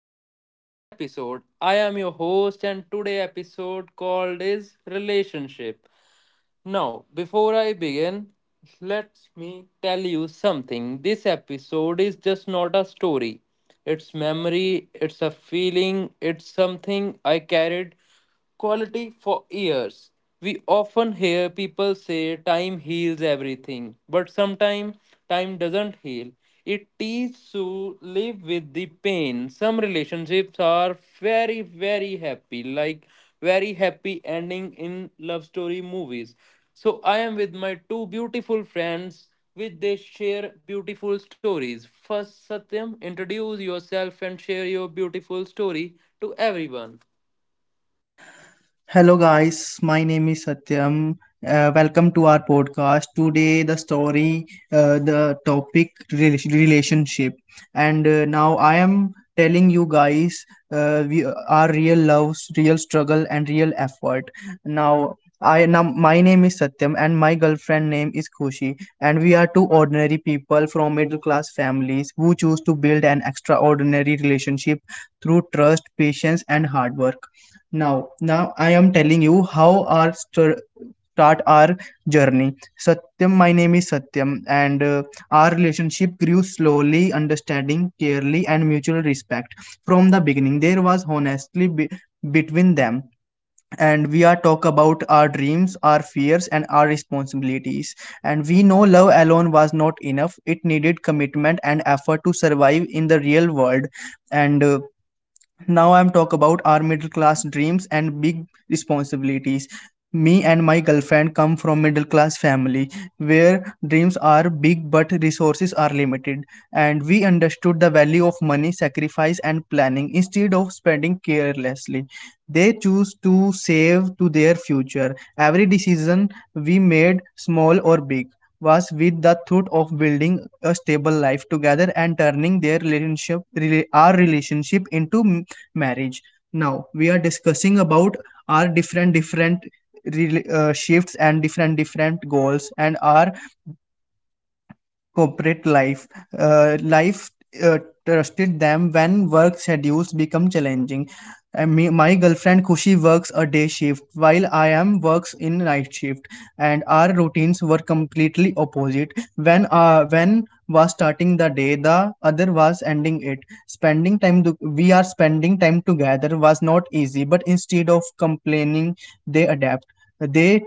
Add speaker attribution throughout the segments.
Speaker 1: back to this episode. I am your host and today episode called is relationship. Now, before I begin, let me tell you something. This episode is just not a story. It's memory, it's a feeling, it's something I carried quality for years. We often hear people say time heals everything, but sometimes time doesn't heal. It teaches to live with the pain. Some relationships are very, very happy, like very happy ending in love story movies. So I am with my two beautiful friends, which they share beautiful stories. First, Satyam, introduce yourself and share your beautiful story to everyone.
Speaker 2: Hello, guys. My name is Satyam. Welcome to our podcast. Today, the the topic, relationship, and now I am telling you guys we our real loves, real struggle, and real effort. Now. I now My name is Satyam and my girlfriend name is Khushi, and we are two ordinary people from middle class families who choose to build an extraordinary relationship through trust, patience and hard work. Now, I am telling you how start our journey. Satyam, my name is Satyam, and our relationship grew slowly, understanding, clearly, and mutual respect. From the beginning, there was between them, and we are talk about our dreams, our fears, and our responsibilities. And we know love alone was not enough; it needed commitment and effort to survive in the real world. And Now I'm talk about our middle class dreams and big responsibilities. Me and my girlfriend come from middle class family where dreams are big but resources are limited, and we understood the value of money sacrifice and planning. Instead of spending carelessly, they choose to save to their future. Every decision we made, small or big, was with the thought of building a stable life together and turning our relationship into marriage. Now we are discussing about our different different shifts and different different goals and our corporate life. Life uh, trusted them when work schedules become challenging. And me, my girlfriend Kushi works a day shift while I am works in night shift, and our routines were completely opposite. When was starting the day, the other was ending it. We are spending time together was not easy, but instead of complaining, they adapt. They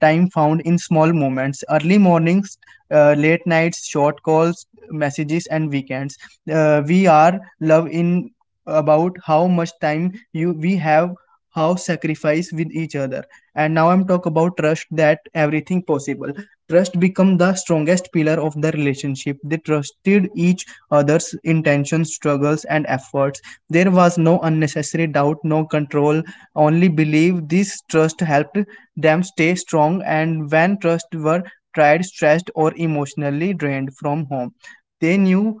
Speaker 2: time found in small moments. Early mornings, late nights, short calls, messages, and weekends. We are love in about how much time you we have, how sacrifice with each other. And now I'm talk about trust that everything possible. Trust become the strongest pillar of the relationship. They trusted each other's intentions, struggles, and efforts. There was no unnecessary doubt, no control. Only believe this trust helped them stay strong. And when trust were tired, stressed, or emotionally drained from home, they knew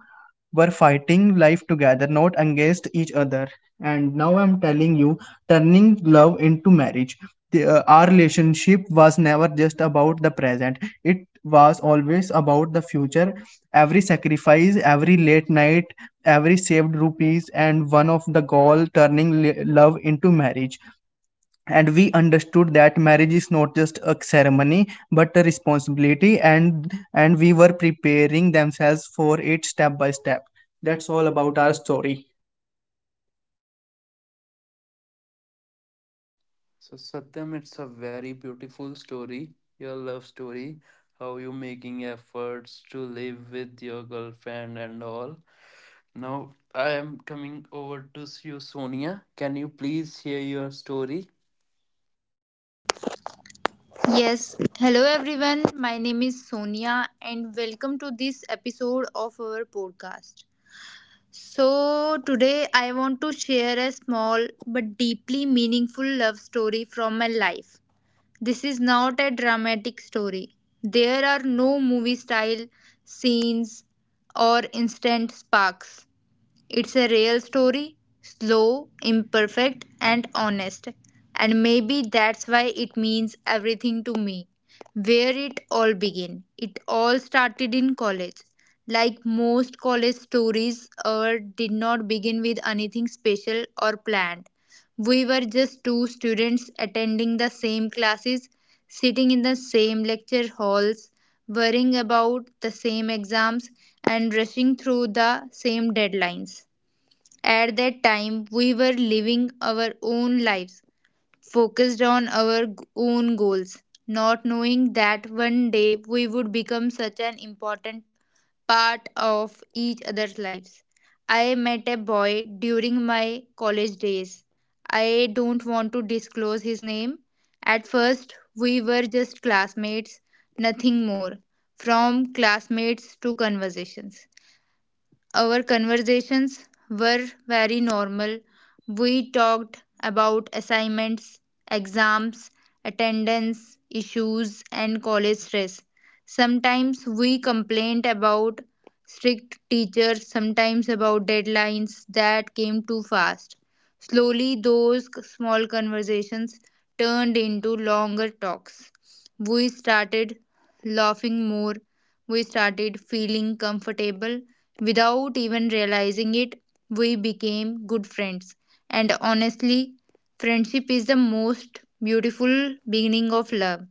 Speaker 2: were fighting life together, not against each other. And now I'm telling you, turning love into marriage. Our relationship was never just about the present. It was always about the future. Every sacrifice, every late night, every saved rupees, and one of the goal turning love into marriage. And we understood that marriage is not just a ceremony but a responsibility, and we were preparing themselves for it step by step. That's all about our story.
Speaker 1: So Satyam, it's a very beautiful story, your love story, how you making efforts to live with your girlfriend and all. Now I am coming over to you, Sonia. Can you please share your story?
Speaker 3: Yes, hello everyone. My name is Sonia, and welcome to this episode of our podcast. So, today I want to share a small but deeply meaningful love story from my life. This is not a dramatic story, there are no movie style scenes or instant sparks. It's a real story, slow, imperfect, and honest. And maybe that's why it means everything to me. Where it all began. It all started in college. Like most college stories, ours did not begin with anything special or planned. We were just two students attending the same classes, sitting in the same lecture halls, worrying about the same exams, and rushing through the same deadlines. At that time, we were living our own lives, focused on our own goals, not knowing that one day we would become such an important part of each other's lives. I met a boy during my college days. I don't want to disclose his name. At first, we were just classmates, nothing more. From classmates to conversations. Our conversations were very normal. We talked about assignments, exams, attendance issues, and college stress. Sometimes we complained about strict teachers, sometimes about deadlines that came too fast. Slowly, those small conversations turned into longer talks. We started laughing more, we started feeling comfortable. Without even realizing it, we became good friends. And honestly, friendship is the most beautiful beginning of love.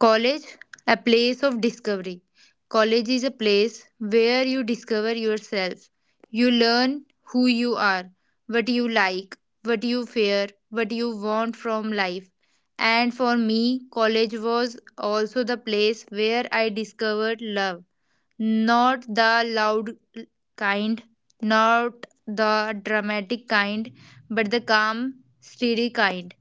Speaker 3: College, a place of discovery. College is a place where you discover yourself. You learn who you are, what you like, what you fear, what you want from life. And for me, college was also the place where I discovered love. Not the loud kind, not the dramatic kind, but the calm, steady kind.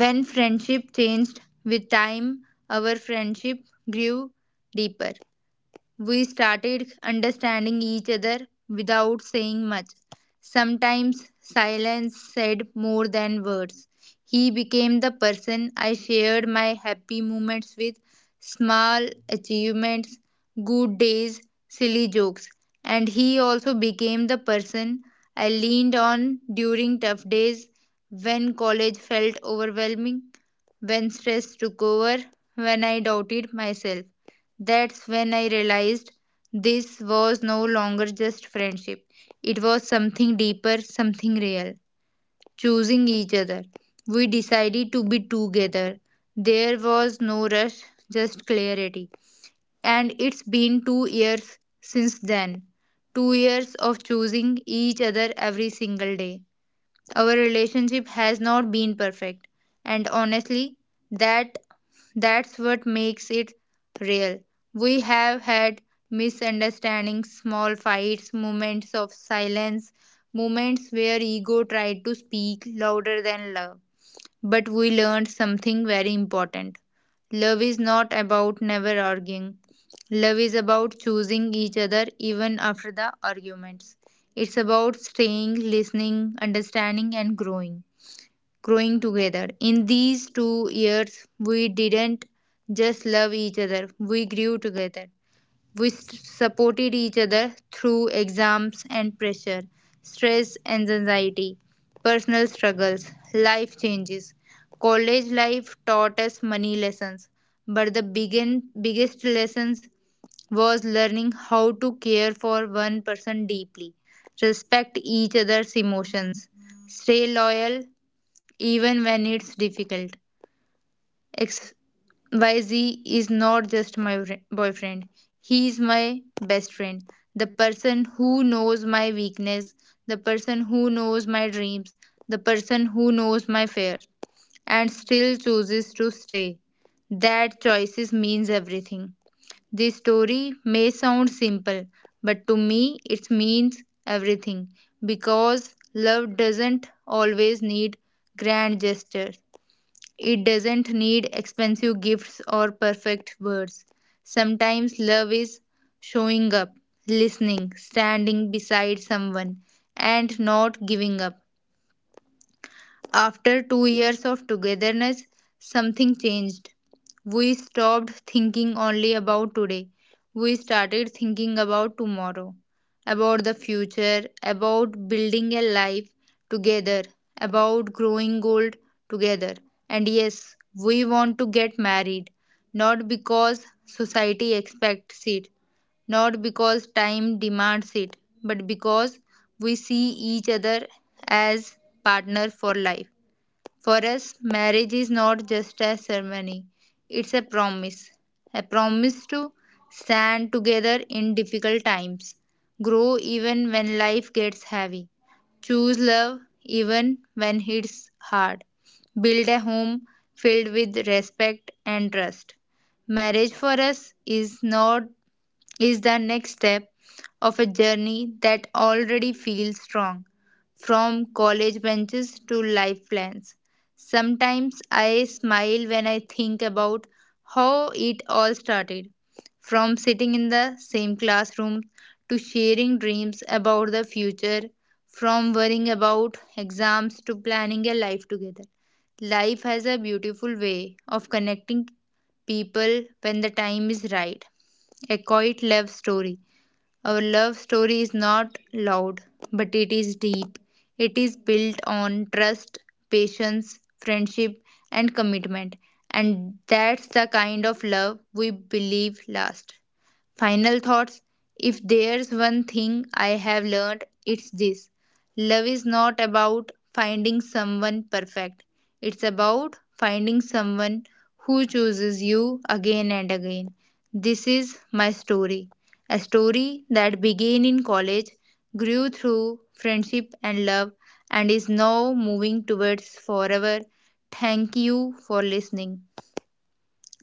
Speaker 3: When friendship changed with time, our friendship grew deeper. We started understanding each other without saying much. Sometimes silence said more than words. He became the person I shared my happy moments with, small achievements, good days, silly jokes. And he also became the person I leaned on during tough days, when college felt overwhelming, when stress took over, when I doubted myself. That's when I realized this was no longer just friendship. It was something deeper, something real. Choosing each other. We decided to be together. There was no rush, just clarity. And it's been 2 years since then. 2 years of choosing each other every single day. Our relationship has not been perfect. And honestly, that that's what makes it real. We have had misunderstandings, small fights, moments of silence, moments where ego tried to speak louder than love. But we learned something very important. Love is not about never arguing. Love is about choosing each other even after the arguments. It's about staying, listening, understanding, and growing together. In these 2 years, we didn't just love each other, we grew together. We supported each other through exams and pressure, stress and anxiety, personal struggles, life changes. College life taught us many lessons, but the biggest lessons was learning how to care for one person deeply, respect each other's emotions, stay loyal even when it's difficult. XYZ is not just my boyfriend, he is my best friend. The person who knows my weakness, the person who knows my dreams, the person who knows my fears, and still chooses to stay. That choices means everything. This story may sound simple, but to me it means everything because love doesn't always need grand gestures. It doesn't need expensive gifts or perfect words. Sometimes love is showing up, listening, standing beside someone, and not giving up. After 2 years of togetherness, something changed. We stopped thinking only about today. We started thinking about tomorrow, about the future, about building a life together, about growing old together. And yes, we want to get married, not because society expects it, not because time demands it, but because we see each other as partner for life. For us, marriage is not just a ceremony, it's a promise. A promise to stand together in difficult times, grow even when life gets heavy, choose love even when it's hard, build a home filled with respect and trust. Marriage for us is not is the next step of a journey that already feels strong, from college benches to life plans. Sometimes I smile when I think about how it all started, from sitting in the same classroom to sharing dreams about the future, from worrying about exams to planning a life together. Life has a beautiful way of connecting people when the time is right. A quiet love story. Our love story is not loud, but it is deep. It is built on trust, patience, friendship, and commitment. And that's the kind of love we believe lasts. Final thoughts. If there's one thing I have learned, it's this: love is not about finding someone perfect, it's about finding someone who chooses you again and again. This is my story, a story that began in college, grew through friendship and love, and is now moving towards forever. Thank you for listening.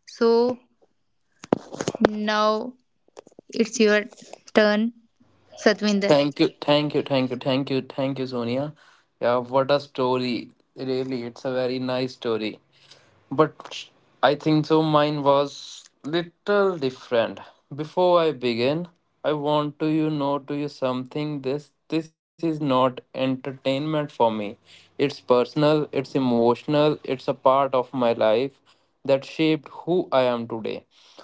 Speaker 3: So now it's your turn. Satvinder.
Speaker 1: Thank you, thank you, thank you, thank you, thank you, Sonia. Yeah, what a story. Really, it's a very nice story. But I think so mine was little different. Before I begin, I want to you know to you something this is not entertainment for me. It's personal, it's emotional, it's a part of my life that shaped who I am today.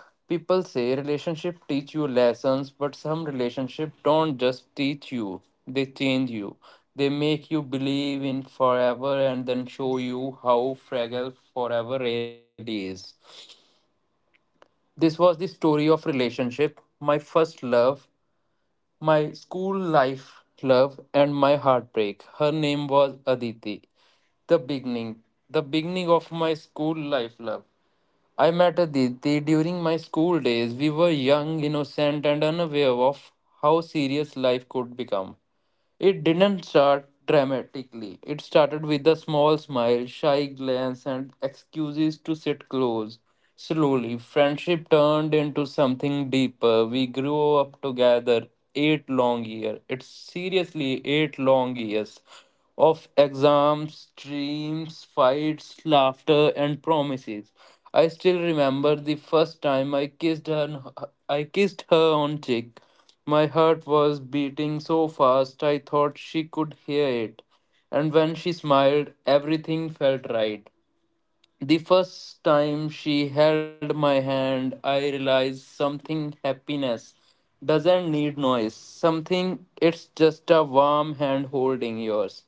Speaker 1: People say relationship teach you lessons, but some relationship don't just teach you, they change you. They make you believe in forever and then show you how fragile forever really is. This was the story of relationship, my first love, my school life, love, and my heartbreak. Her name was Aditi. The beginning. The beginning of my school life, love. I met Aditi during my school days. We were young, innocent, and unaware of how serious life could become. It didn't start dramatically. It started with a small smile, shy glance, and excuses to sit close. Slowly, friendship turned into something deeper. We grew up together eight long years. It's seriously eight long years of exams, dreams, fights, laughter, and promises. I still remember the first time I kissed her. I kissed her on cheek. My heart was beating so fast I thought she could hear it. And when she smiled, everything felt right. The first time she held my hand, I realized something: happiness doesn't need noise. Something it's just a warm hand holding yours.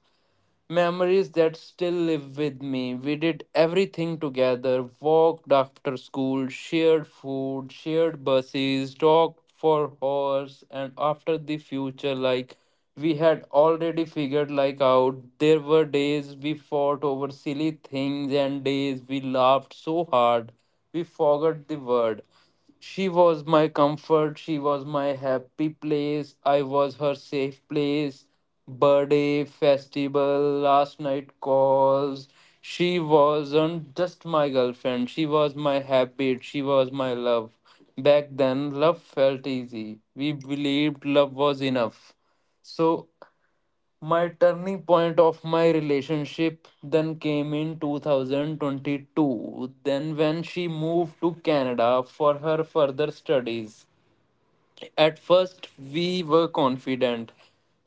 Speaker 1: Memories that still live with me. We did everything together, walked after school, shared food, shared buses, talked for hours, and after the future, like we had already figured like out. There were days we fought over silly things and days we laughed so hard we forgot the word. She was my comfort. She was my happy place. I was her safe place. Birthday, festival, last night calls. She wasn't just my girlfriend. She was my habit. She was my love. Back then, love felt easy. We believed love was enough. So my turning point of my relationship then came in 2022, then when she moved to Canada for her further studies. At first, we were confident.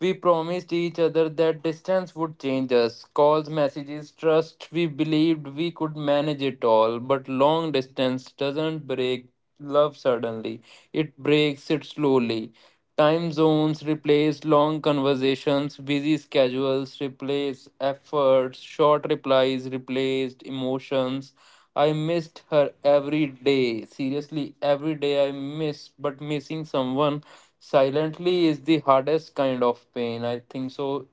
Speaker 1: We promised each other that distance would change us. Calls, messages, trust, we believed we could manage it all. But long distance doesn't break love suddenly, it breaks it slowly. Time zones replace long conversations, busy schedules replace efforts, short replies replaced emotions. I missed her every day. Seriously, every day I miss, but missing someone silently is the hardest kind of pain. I think so.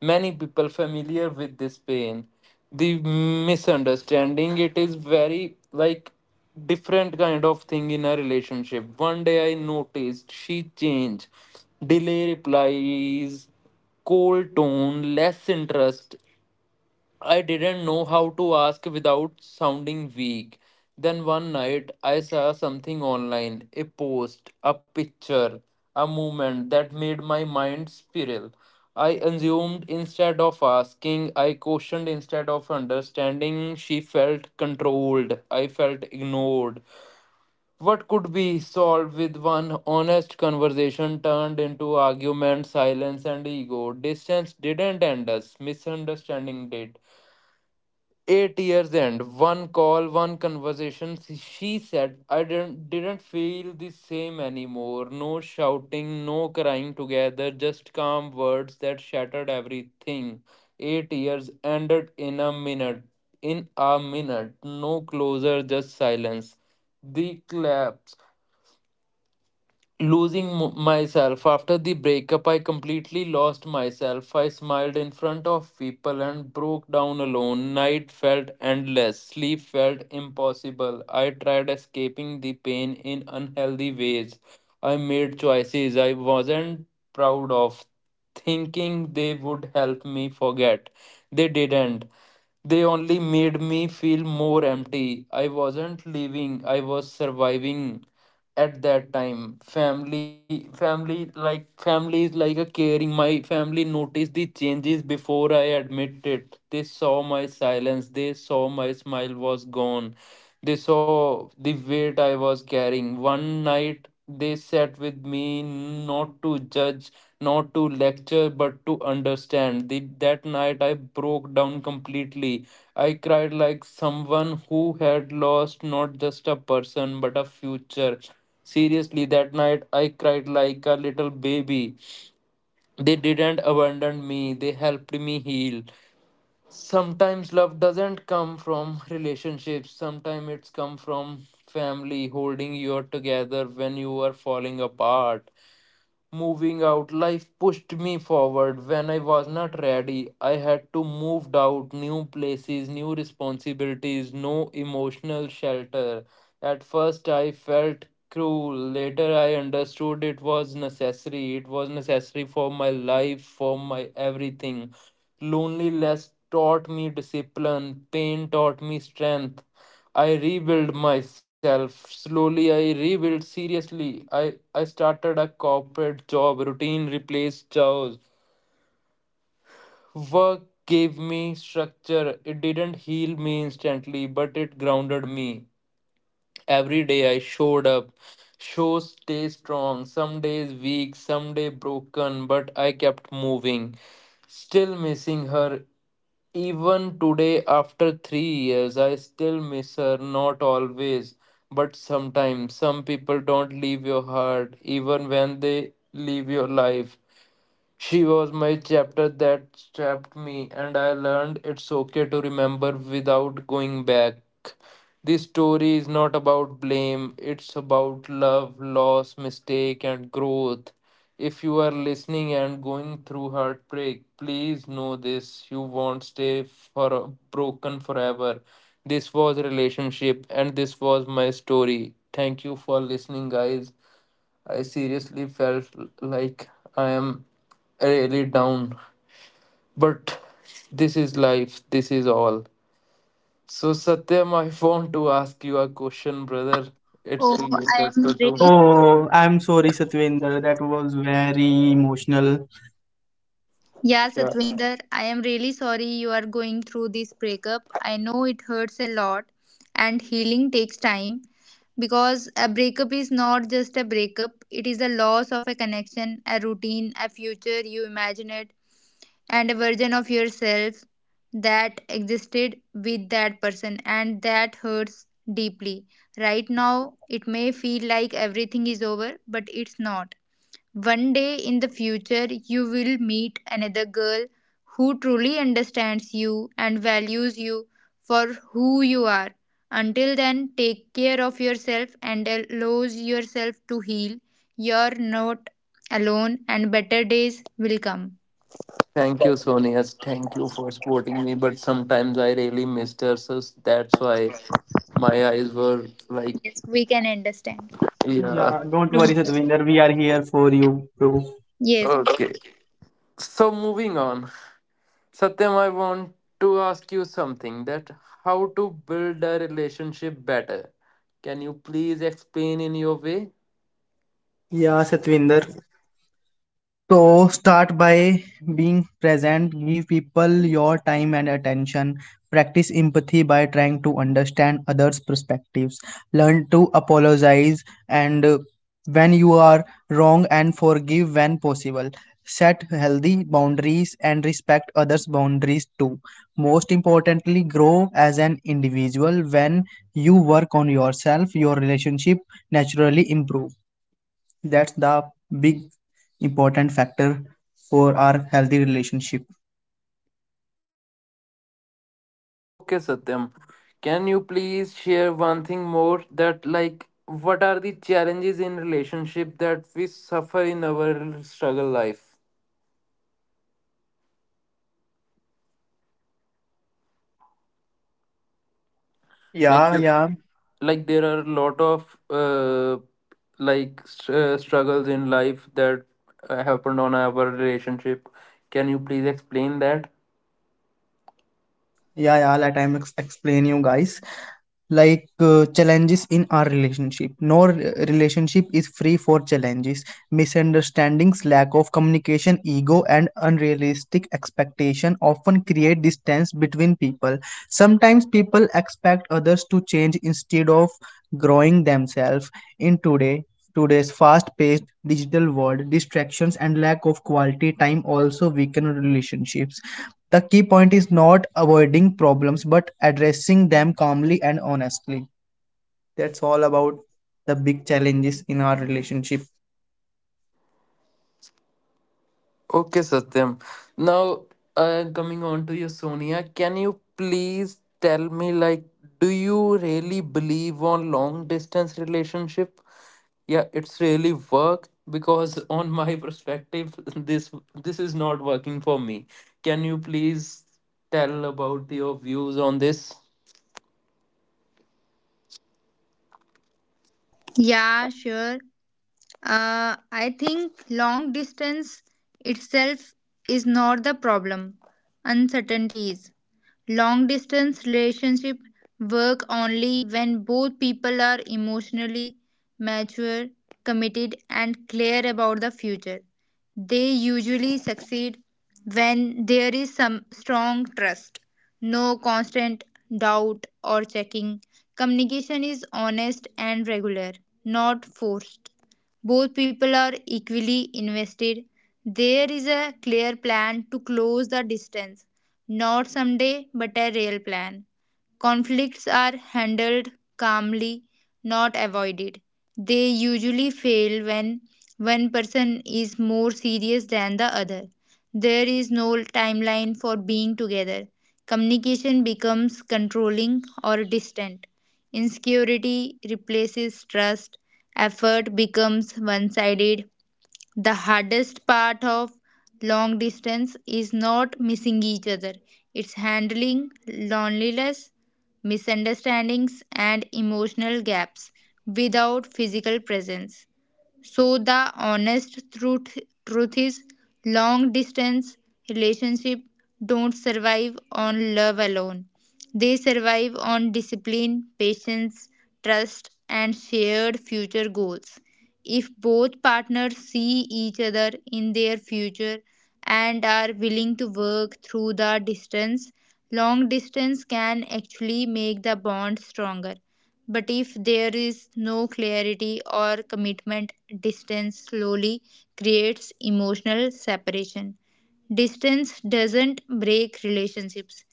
Speaker 1: Many people familiar with this pain. The misunderstanding it is very like different kind of thing in a relationship. One day I noticed she changed, delay replies, cold tone, less interest. I didn't know how to ask without sounding weak. Then one night I saw something online, a post, a picture, a movement that made my mind spiral. I assumed instead of asking, I questioned instead of understanding. She felt controlled, I felt ignored. What could be solved with one honest conversation turned into argument, silence, and ego? Distance didn't end us, misunderstanding did. 8 years and one call, one conversation, she said I didn't feel the same anymore. No shouting, no crying together, just calm words that shattered everything. 8 years ended in a minute, in a minute. No closer, just silence. The collapse, losing myself after the breakup. I completely lost myself. I smiled in front of people and broke down alone. Night felt endless, sleep felt impossible. I tried escaping the pain in unhealthy ways. I made choices I wasn't proud of, thinking they would help me forget. They didn't. They only made me feel more empty. I wasn't living, I was surviving at that time. Family, like family is like a caring. My family noticed the changes before I admitted it. They saw my silence, they saw my smile was gone. They saw the weight I was carrying. One night they sat with me, not to judge, not to lecture, but to understand. That night I broke down completely. I cried like someone who had lost not just a person but a future. Seriously, that night I cried like a little baby. They didn't abandon me, they helped me heal. Sometimes love doesn't come from relationships, sometimes it's come from family holding you together when you are falling apart. Moving out, life pushed me forward. When I was not ready, I had to move out, new places, new responsibilities, no emotional shelter. At first, I felt cruel. Later, I understood it was necessary. It was necessary for my life, for my everything. Loneliness taught me discipline, pain taught me strength. I rebuilt myself slowly. I rebuilt seriously. I started a corporate job. Routine replaced chores. Work gave me structure. It didn't heal me instantly, but it grounded me. Every day I showed up. Show stay strong. Some days weak, some day broken, but I kept moving. Still missing her. Even today, after 3 years, I still miss her. Not always, but sometimes. Some people don't leave your heart, even when they leave your life. She was my chapter that trapped me, and I learned it's okay to remember without going back. This story is not about blame, it's about love, loss, mistake, and growth. If you are listening and going through heartbreak, please know this: you won't stay for broken forever. This was a relationship and this was my story. Thank you for listening, guys. I seriously felt like I am really down. But this is life, this is all. So, Satyam, I want to ask you a question, brother. It's
Speaker 3: Oh, I
Speaker 1: related
Speaker 3: am
Speaker 1: to,
Speaker 3: really.
Speaker 1: to
Speaker 2: Oh, I'm sorry, Satwinder. That was very emotional.
Speaker 3: Yeah,
Speaker 1: yeah.
Speaker 3: Satvinder, I am really sorry you are going through this breakup. I know it hurts a lot, and healing takes time because a breakup is not just a breakup, it is the loss of a connection, a routine, a future you imagined, and a version of yourself that existed with that person, and that hurts deeply. Right now, it may feel like everything is over, but it's not. One day in the future, you will meet another girl who truly understands you and values you for who you are. Until then, take care of yourself and allow yourself to heal. You're not alone, and better days will come.
Speaker 1: Thank you, Sonia. Thank you for supporting me. But sometimes I really missed her, so that's why my eyes were like,
Speaker 3: Yes, we can understand.
Speaker 1: yeah.
Speaker 2: Yeah, don't worry,
Speaker 3: Don't.
Speaker 2: Satwinder. We are here for you, bro.
Speaker 3: Yes.
Speaker 1: Okay. So, moving on. Satyam, I want to ask you something, that how to build a relationship better. Can you please explain in your way?
Speaker 2: Yeah, Satwinder. So start by being present, give people your time and attention, practice empathy by trying to understand others' perspectives, learn to apologize and when you are wrong, and forgive when possible. Set healthy boundaries and respect others' boundaries too. Most importantly, grow as an individual. When you work on yourself, your relationship naturally improve. That's the big important factor for our healthy relationship.
Speaker 1: Okay, Satyam. Can you please share one thing more that like what are the challenges in relationship that we suffer in our struggle life? Like
Speaker 2: Yeah,
Speaker 1: yeah.
Speaker 2: yeah,
Speaker 1: Like there are a lot of uh, like struggles in life that happened on our relationship. Can you please explain that?
Speaker 2: yeah. Let I explain you guys. Like challenges in our relationship. No relationship is free for challenges. Misunderstandings, lack of communication, ego, and unrealistic expectation often create distance between people. Sometimes people expect others to change instead of growing themselves. In today Today's fast-paced digital world, distractions and lack of quality time also weaken relationships. The key point is not avoiding problems but addressing them calmly and honestly. That's all about the big challenges in our relationship.
Speaker 1: Okay, Satyam. Now, coming on to you, Sonia, can you please tell me, like, do you really believe on long distance relationship? Yeah, it's really work because on my perspective, this is not working for me. Can you please tell about your views on this?
Speaker 3: Yeah, sure. I think long distance itself is not the problem. Uncertainty is. Long distance relationship work only when both people are emotionally mature, committed and clear about the future. They usually succeed when there is some strong trust, no constant doubt or checking. Communication is honest and regular, not forced. Both people are equally invested. There is a clear plan to close the distance, not someday, but a real plan. Conflicts are handled calmly, not avoided. They usually fail when one person is more serious than the other. There is no timeline for being together. Communication becomes controlling or distant. Insecurity replaces trust. Effort becomes one sided. The hardest part of long distance is not missing each other, it's handling loneliness, misunderstandings, and emotional gaps without physical presence. So the honest truth is long distance relationship don't survive on love alone. They survive on discipline, patience, trust and shared future goals. If both partners see each other in their future and are willing to work through the distance, long distance can actually make the bond stronger. But if there is no clarity or commitment, distance slowly creates emotional separation. Distance doesn't break relationships,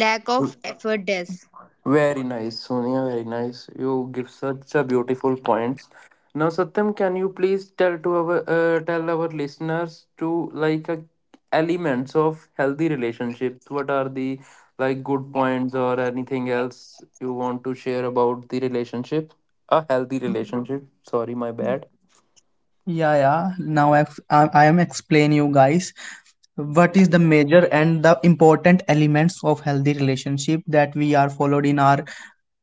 Speaker 3: lack of effort does.
Speaker 1: Very nice, Sonia. Very nice. You give such a beautiful points. Now, Satyam, can you please tell to our tell our listeners to like elements of healthy relationships? What are the like good points or anything else you want to share about the relationship? A healthy relationship. Sorry, my bad.
Speaker 2: Yeah, yeah. Now I am explain you guys what is the major and the important elements of healthy relationship that we are followed in our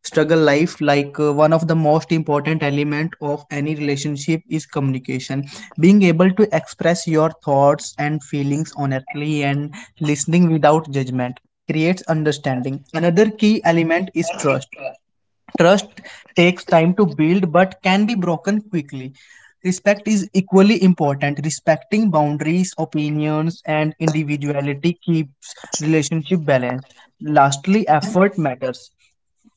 Speaker 2: struggle life. Like one of the most important element of any relationship is communication. Being able to express your thoughts and feelings honestly and listening without judgment creates understanding. Another key element is trust. Trust takes time to build but can be broken quickly. Respect is equally important. Respecting boundaries, opinions, and individuality keeps relationship balanced. Lastly, effort matters.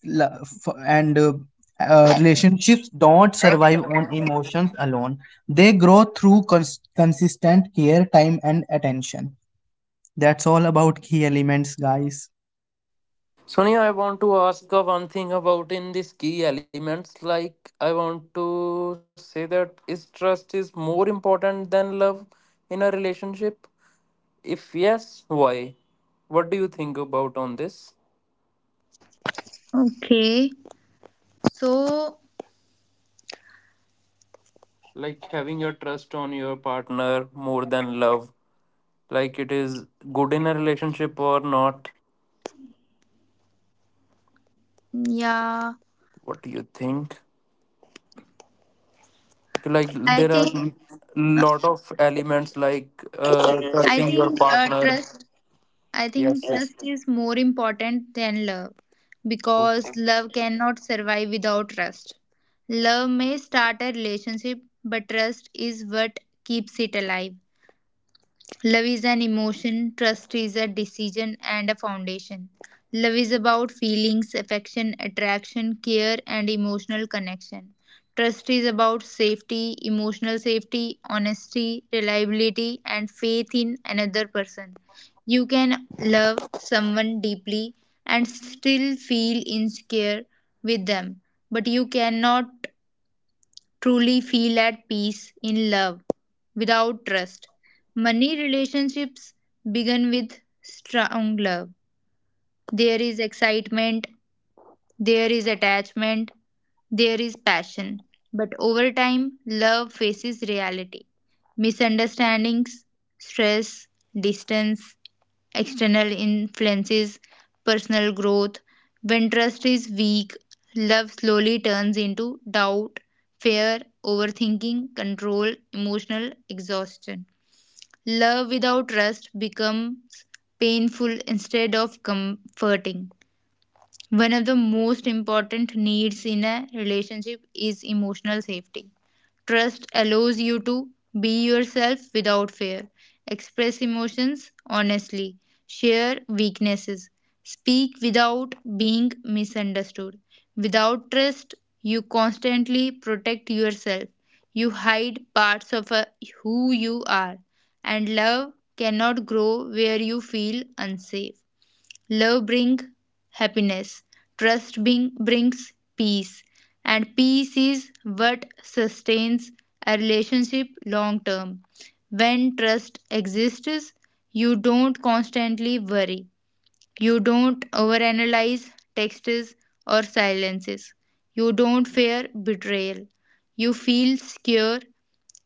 Speaker 2: And relationships don't survive on emotions alone. They grow through consistent care, time, and attention. That's all about key elements, guys.
Speaker 1: Sonia, I want to ask one thing about in these key elements. Like, I want to say that is trust is more important than love in a relationship? If yes, why? What do you think about on this?
Speaker 3: Okay, so
Speaker 1: Like having your trust on your partner more than love. Like it is good in a relationship or not?
Speaker 3: yeah,
Speaker 1: What do you think? Like
Speaker 3: I
Speaker 1: there are
Speaker 3: think
Speaker 1: lot of elements like
Speaker 3: I
Speaker 1: trusting your
Speaker 3: think uh,
Speaker 1: partner.
Speaker 3: trust I think
Speaker 1: Yes, yes.
Speaker 3: trust is more important than love because love cannot survive without trust. Love may start a relationship, but trust is what keeps it alive. Love is an emotion, trust is a decision and a foundation. Love is about feelings, affection, attraction, care, and emotional connection. Trust is about safety, emotional safety, honesty, reliability, and faith in another person. You can love someone deeply and still feel insecure with them, but you cannot truly feel at peace in love without trust. Many relationships begin with strong love. There is excitement, there is attachment, there is passion. But over time, love faces reality. Misunderstandings, stress, distance, external influences, personal growth. When trust is weak, love slowly turns into doubt, fear, overthinking, control, emotional exhaustion. Love without trust becomes painful instead of comforting. One of the most important needs in a relationship is emotional safety. Trust allows you to be yourself without fear, express emotions honestly, share weaknesses, speak without being misunderstood. Without trust, you constantly protect yourself, you hide parts of who you are, and love cannot grow where you feel unsafe. Love brings happiness. Trust brings peace. And peace is what sustains a relationship long term. When trust exists, you don't constantly worry. You don't overanalyze texts or silences. You don't fear betrayal. You feel secure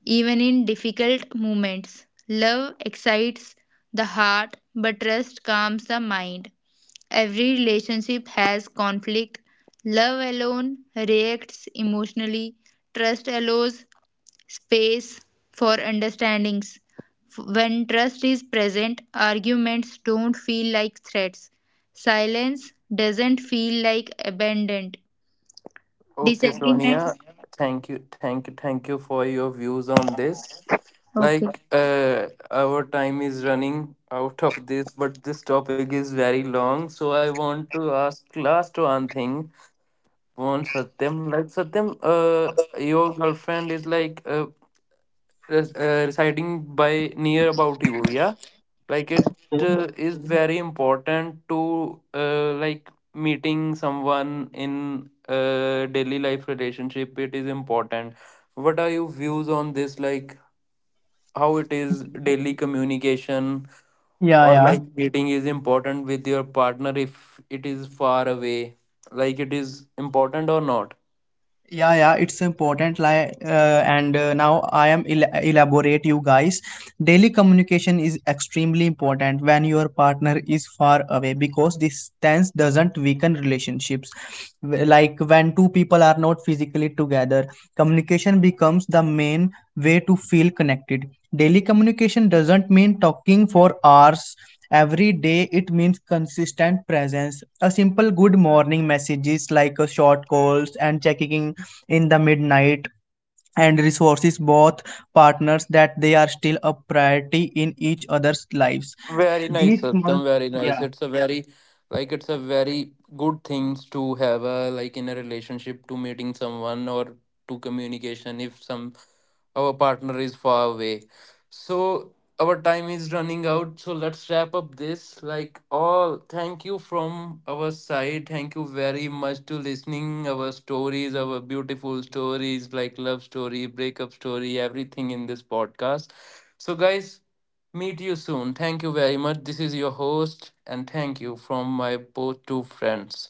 Speaker 3: even in difficult moments. Love excites the heart, but trust calms the mind. Every relationship has conflict. Love alone reacts emotionally. Trust allows space for understandings. When trust is present, arguments don't feel like threats. Silence doesn't feel like abandoned.
Speaker 1: Okay,
Speaker 3: Disagreements.
Speaker 1: Sonia, thank you, thank you, thank you for your views on this.
Speaker 3: Okay.
Speaker 1: Like, our time is running out of this, but this topic is very long. So I want to ask last one thing on Satyam. Like, Satyam, your girlfriend is like residing by near about you, yeah, like it
Speaker 2: Yeah,
Speaker 1: is very important to like meeting someone in daily life relationship, it is important. What are your views on this, like how it is daily communication or like
Speaker 2: yeah.
Speaker 1: meeting is important with your partner if it is far away, like it is important or not?
Speaker 2: Yeah, yeah, it's important. Like and now I am elaborate you guys. Daily communication is extremely important when your partner is far away, because distance doesn't weaken relationships. Like when two people are not physically together, communication becomes the main way to feel connected. Daily communication doesn't mean talking for hours every day. It means consistent presence, a simple good morning messages, like a short calls and checking in the midnight, and resources both partners that they are still a priority in each other's lives.
Speaker 1: Very
Speaker 2: These
Speaker 1: nice,
Speaker 2: small,
Speaker 1: Satyam. Very nice.
Speaker 2: yeah.
Speaker 1: It's a very like it's a very good things to have a like in a relationship to meeting someone or to communication if some our partner is far away. So our time is running out. So let's wrap up this. Like all thank you from our side. Thank you very much to listening our stories, our beautiful stories like love story, breakup story, everything in this podcast. So guys, meet you soon. Thank you very much. This is your host, and thank you from my both two friends.